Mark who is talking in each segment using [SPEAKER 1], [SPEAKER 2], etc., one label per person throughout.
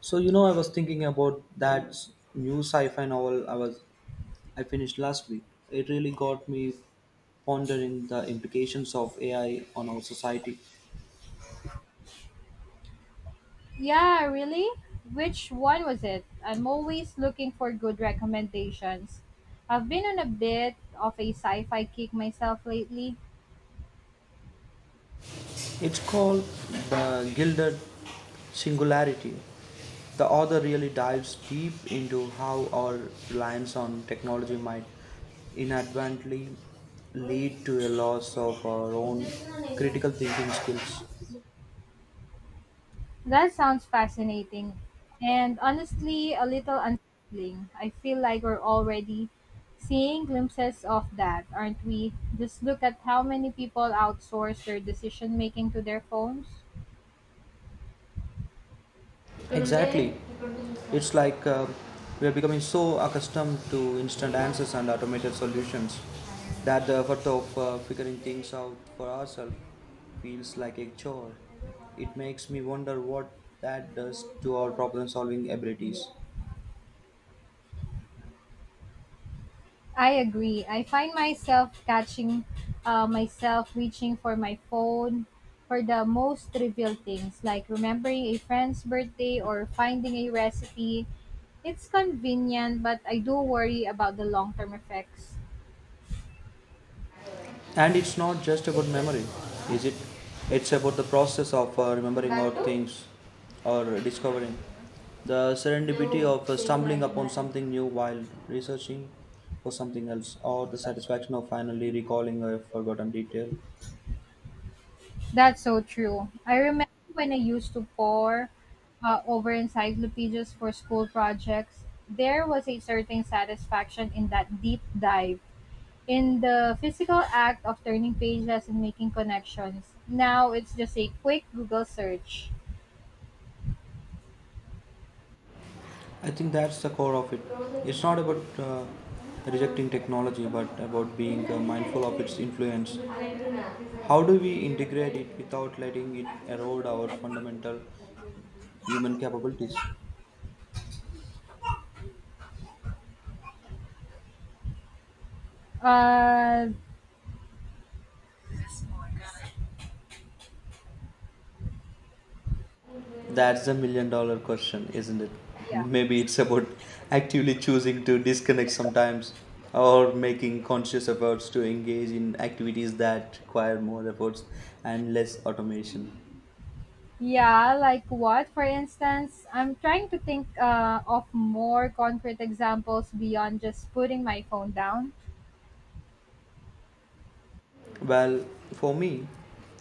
[SPEAKER 1] So you know, I was thinking about that new sci-fi novel I finished last week. It really got me pondering the implications of AI on our society.
[SPEAKER 2] Yeah, really? Which one was it? I'm always looking for good recommendations. I've been on a bit of a sci fi kick myself lately.
[SPEAKER 1] It's called The Gilded Singularity. The author really dives deep into how our reliance on technology might inadvertently lead to a loss of our own critical thinking skills.
[SPEAKER 2] That sounds fascinating. And honestly, a little unsettling. I feel like we're already seeing glimpses of that, aren't we? Just look at how many people outsource their decision making to their phones.
[SPEAKER 1] Exactly. It's like we are becoming so accustomed to instant answers and automated solutions that the effort of figuring things out for ourselves feels like a chore. It makes me wonder what that does to our problem solving abilities.
[SPEAKER 2] I agree. I find myself catching myself reaching for my phone for the most trivial things, like remembering a friend's birthday or finding a recipe. It's convenient, but I do worry about the long term effects.
[SPEAKER 1] And it's not just about memory, is it? It's about the process of remembering our things or discovering. The serendipity of stumbling upon something new while researching for something else, or the satisfaction of finally recalling a forgotten detail.
[SPEAKER 2] That's so true. I remember when I used to pore over encyclopedias for school projects, there was a certain satisfaction in that deep dive, in the physical act of turning pages and making connections. Now it's just a quick Google search.
[SPEAKER 1] I think that's the core of it. It's not about rejecting technology, but about being mindful of its influence. How do we integrate it without letting it erode our fundamental human capabilities?
[SPEAKER 2] Uh,
[SPEAKER 1] That's the million dollar question, isn't it?
[SPEAKER 2] yeah.
[SPEAKER 1] Maybe it's about actively choosing to disconnect sometimes or making conscious efforts to engage in activities that require more efforts and less automation.
[SPEAKER 2] Yeah, like what, for instance? I'm trying to think of more concrete examples beyond just putting my phone down.
[SPEAKER 1] Well, for me,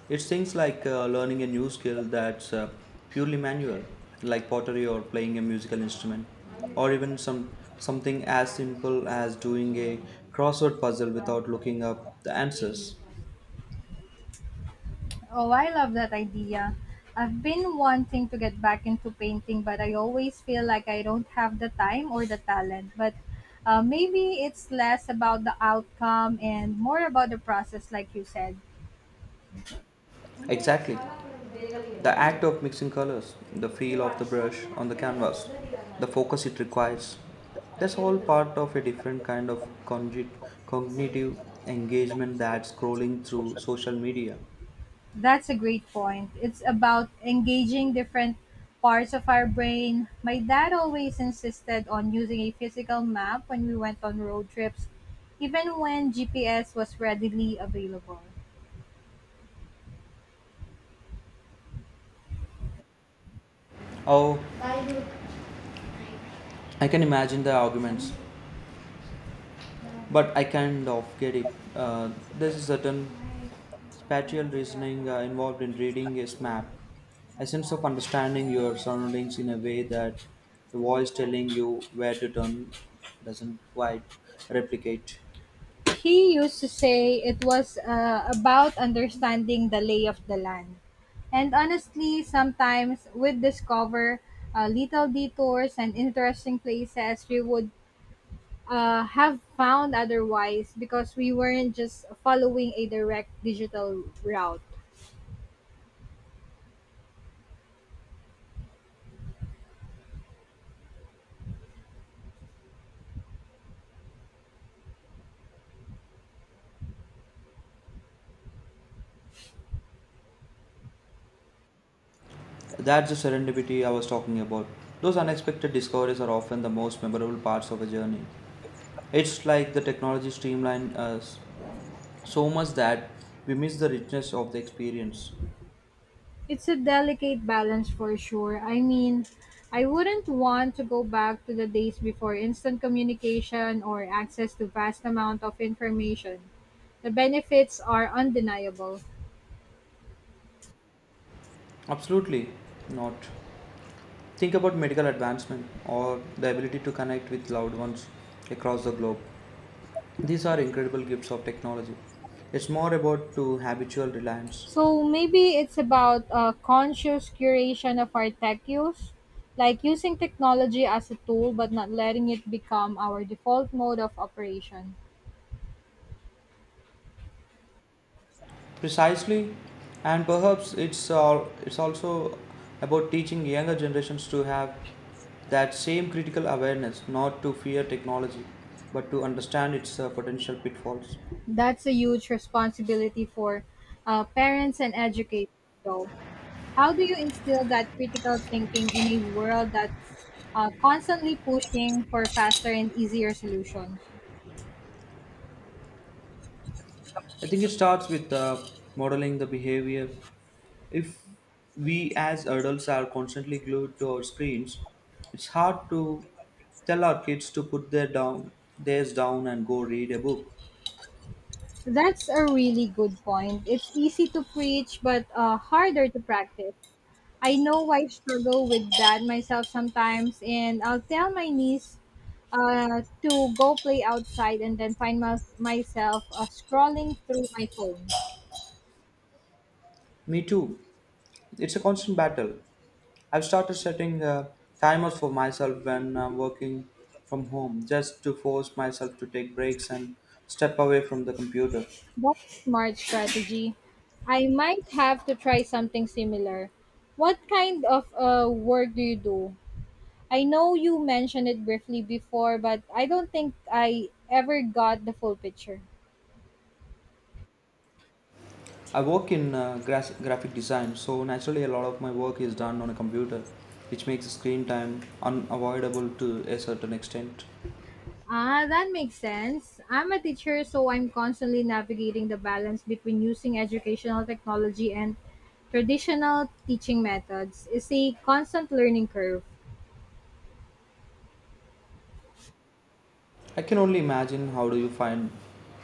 [SPEAKER 1] it's things like learning a new skill that's purely manual, like pottery or playing a musical instrument, or even something as simple as doing a crossword puzzle without looking up the answers.
[SPEAKER 2] Oh, I love that idea. I've been wanting to get back into painting, but I always feel like I don't have the time or the talent. But maybe it's less about the outcome and more about the process, like you said.
[SPEAKER 1] Exactly. The act of mixing colors, the feel of the brush on the canvas, the focus it requires. That's all part of a different kind of cognitive engagement that scrolling through social media.
[SPEAKER 2] That's a great point. It's about engaging different parts of our brain. My dad always insisted on using a physical map when we went on road trips, even when GPS was readily available.
[SPEAKER 1] Oh, I can imagine the arguments, but I kind of get it. Uh, there's a certain spatial reasoning involved in reading is map. A sense of understanding your surroundings in a way that the voice telling you where to turn doesn't quite replicate.
[SPEAKER 2] He used to say it was about understanding the lay of the land. And honestly, sometimes we'd discover little detours and interesting places we would have found otherwise because we weren't just following a direct digital route.
[SPEAKER 1] That's the serendipity I was talking about. Those unexpected discoveries are often the most memorable parts of a journey. It's like the technology streamlined us so much that we miss the richness of the experience.
[SPEAKER 2] It's a delicate balance for sure. I mean, I wouldn't want to go back to the days before instant communication or access to vast amount of information. The benefits are undeniable.
[SPEAKER 1] Absolutely not. Think about medical advancement or the ability to connect with loved ones across the globe. These are incredible gifts of technology. It's more about to habitual reliance.
[SPEAKER 2] So maybe it's about a conscious curation of our tech use, like using technology as a tool but not letting it become our default mode of operation.
[SPEAKER 1] Precisely, and perhaps it's also about teaching younger generations to have that same critical awareness, not to fear technology, but to understand its potential pitfalls.
[SPEAKER 2] That's a huge responsibility for parents and educators, though. How do you instill that critical thinking in a world that's constantly pushing for faster and easier solutions?
[SPEAKER 1] I think it starts with modeling the behavior. If we as adults are constantly glued to our screens, it's hard to tell our kids to put theirs down and go read a book.
[SPEAKER 2] That's a really good point. It's easy to preach, but harder to practice. I know I struggle with that myself sometimes, and I'll tell my niece to go play outside and then find myself scrolling through my phone.
[SPEAKER 1] Me too. It's a constant battle. I've started setting timers for myself when I'm working from home, just to force myself to take breaks and step away from the computer.
[SPEAKER 2] That's a smart strategy. I might have to try something similar. What kind of work do you do? I know you mentioned it briefly before, but I don't think I ever got the full picture.
[SPEAKER 1] I work in graphic design, so naturally a lot of my work is done on a computer, which makes screen time unavoidable to a certain extent.
[SPEAKER 2] Ah, that makes sense. I'm a teacher, so I'm constantly navigating the balance between using educational technology and traditional teaching methods. It's a constant learning curve.
[SPEAKER 1] I can only imagine how do you find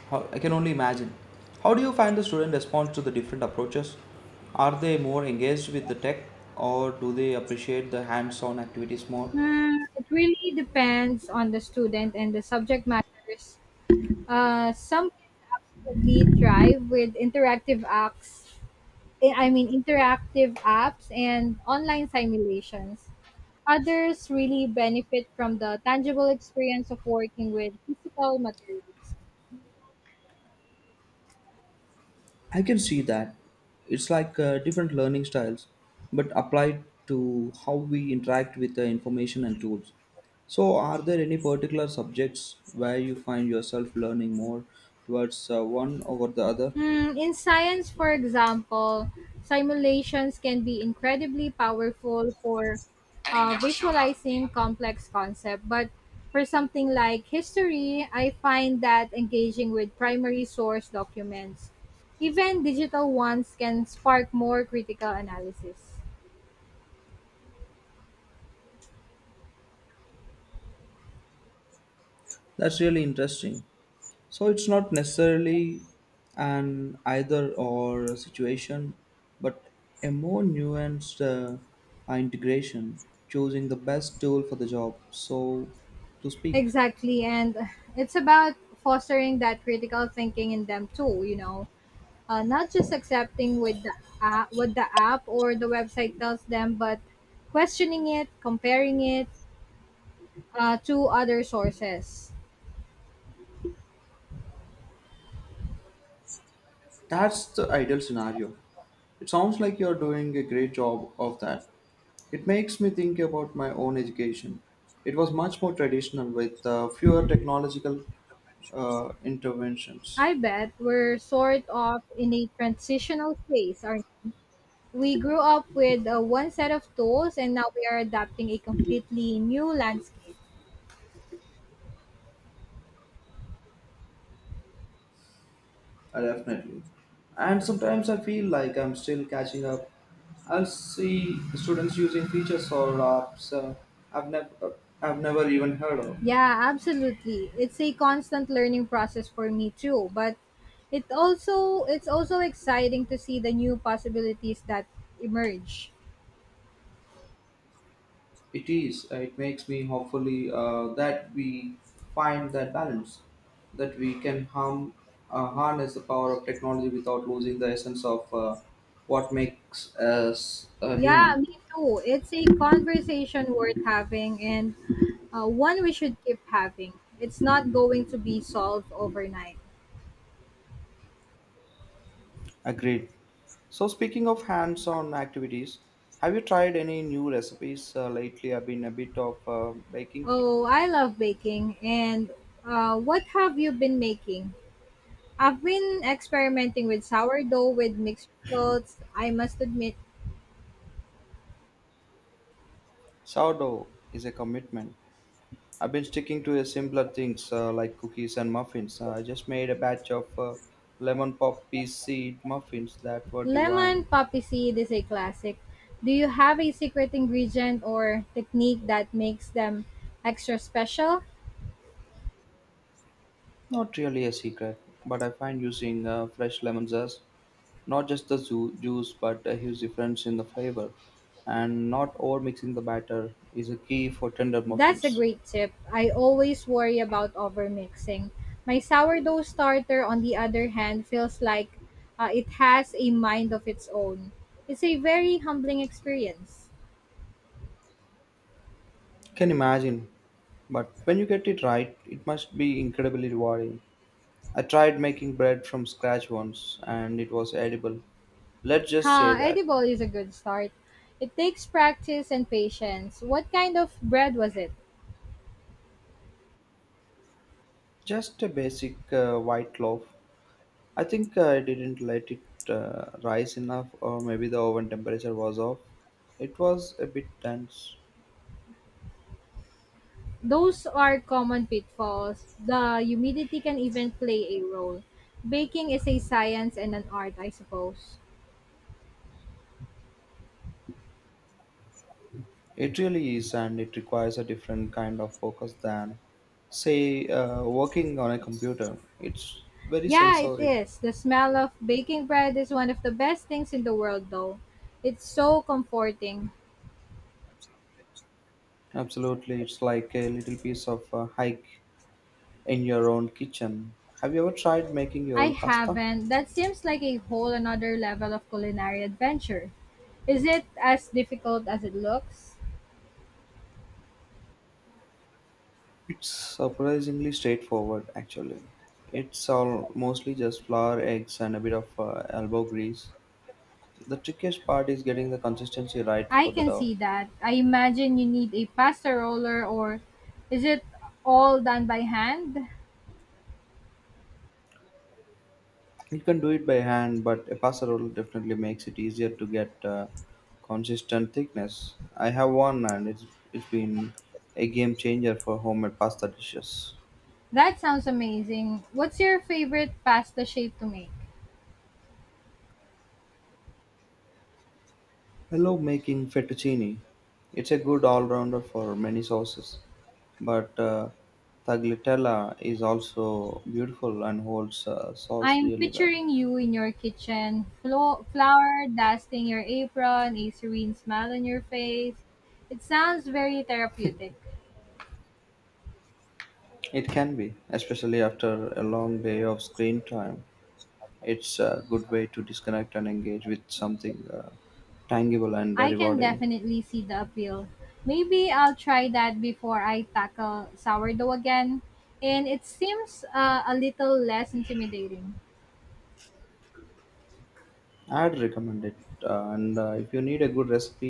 [SPEAKER 1] how I can only imagine how do you find the student response to the different approaches? Are they more engaged with the tech or do they appreciate the hands-on activities more?
[SPEAKER 2] Hmm, it really depends on the student and the subject matters. Some actually thrive with interactive acts. Eh, I mean, interactive apps and online simulations. Others really benefit from the tangible experience of working with physical materials.
[SPEAKER 1] I can see that. It's like different learning styles, but applied to how we interact with the information and tools. So, are there any particular subjects where you find yourself learning more towards one over the other?
[SPEAKER 2] Hmm, in science, for example, simulations can be incredibly powerful for
[SPEAKER 1] Eddie never showed up. The
[SPEAKER 2] visualizing complex concepts. But for something like history, I find that engaging with primary source documents, even digital ones, can spark more critical analysis.
[SPEAKER 1] that's really interesting. So it's not necessarily an either or situation, but a more nuanced integration, choosing the best tool for the job, so to speak.
[SPEAKER 2] Exactly, and it's about fostering that critical thinking in them too, you know. Not just accepting with the app, what the app or the website tells them, but questioning it, comparing it to other sources.
[SPEAKER 1] That's the ideal scenario. It sounds like you're doing a great job of that. It makes me think about my own education. It was much more traditional with fewer technological interventions.
[SPEAKER 2] I bet we're sort of in a transitional phase. Aren't we? We grew up with one set of tools, and now we are adapting a completely new landscape.
[SPEAKER 1] Definitely. And sometimes I feel like I'm still catching up. I'll see students using features or apps I've never I've never even heard of.
[SPEAKER 2] Yeah, absolutely. It's a constant learning process for me too, but it's also exciting to see the new possibilities that emerge.
[SPEAKER 1] It is. It makes me hopefully that we find that balance, that we can harness the power of technology without losing the essence of what makes us a
[SPEAKER 2] Yeah,
[SPEAKER 1] human.
[SPEAKER 2] me too. It's a conversation worth having, and one we should keep having. It's not going to be solved overnight.
[SPEAKER 1] Agreed. So, speaking of hands on activities, have you tried any new recipes lately? I've been a bit of baking.
[SPEAKER 2] Oh, I love baking. And what have you been making? I've been experimenting with sourdough with mixed results, I must admit.
[SPEAKER 1] Sourdough is a commitment. I've been sticking to a simpler things like cookies and muffins. I just made a batch of lemon pop pea seed muffins that were
[SPEAKER 2] Lemon
[SPEAKER 1] divine.
[SPEAKER 2] poppy seed is a classic. Do you have a secret ingredient or technique that makes them extra special?
[SPEAKER 1] Not really a secret, but I find using fresh lemon zest, not just the juice, but a huge difference in the flavor, and not over mixing the batter is a key for tender
[SPEAKER 2] That's a
[SPEAKER 1] muffins.
[SPEAKER 2] great tip. I always worry about overmixing. My sourdough starter, on the other hand, feels like it has a mind of its own. It's a very humbling experience.
[SPEAKER 1] Can imagine, but when you get it right, it must be incredibly rewarding. I tried making bread from scratch once, and it was edible. Let's just say
[SPEAKER 2] Huh,
[SPEAKER 1] that.
[SPEAKER 2] edible is a good start. It takes practice and patience. What kind of bread was it?
[SPEAKER 1] Just a basic white loaf, I think I didn't let it rise enough, or maybe the oven temperature was off. It was a bit dense.
[SPEAKER 2] Those are common pitfalls. The humidity can even play a role. Baking is a science and an art, I suppose.
[SPEAKER 1] It really is, and it requires a different kind of focus than, say, working on a computer. It's very
[SPEAKER 2] Yeah, it
[SPEAKER 1] sensory.
[SPEAKER 2] is. The smell of baking bread is one of the best things in the world, though. It's so comforting.
[SPEAKER 1] Absolutely, it's like a little piece of hike in your own kitchen. Have you ever tried making your
[SPEAKER 2] I
[SPEAKER 1] own pasta?
[SPEAKER 2] haven't. That seems like a whole another level of culinary adventure. Is it as difficult as it looks?
[SPEAKER 1] It's surprisingly straightforward, actually. It's all mostly just flour, eggs, and a bit of elbow grease. The trickiest part is getting the consistency right
[SPEAKER 2] I
[SPEAKER 1] for the
[SPEAKER 2] can
[SPEAKER 1] dough.
[SPEAKER 2] see that. I imagine you need a pasta roller, or is it all done by hand?
[SPEAKER 1] You can do it by hand, but a pasta roll definitely makes it easier to get consistent thickness. I have one, and it's been a game changer for homemade pasta dishes.
[SPEAKER 2] That sounds amazing. What's your favorite pasta shape to make?
[SPEAKER 1] I love making fettuccine. It's a good all-rounder for many sauces, but tagliatella is also beautiful and holds sauce
[SPEAKER 2] I'm
[SPEAKER 1] really well.
[SPEAKER 2] picturing you in your kitchen, flour dusting your apron, a serene smile on your face. It sounds very therapeutic.
[SPEAKER 1] It can be, especially after a long day of screen time. It's a good way to disconnect and engage with something tangible and
[SPEAKER 2] I can
[SPEAKER 1] rewarding.
[SPEAKER 2] definitely see the appeal. Maybe I'll try that before I tackle sourdough again. And it seems a little less intimidating.
[SPEAKER 1] I'd recommend it. And If you need a good recipe,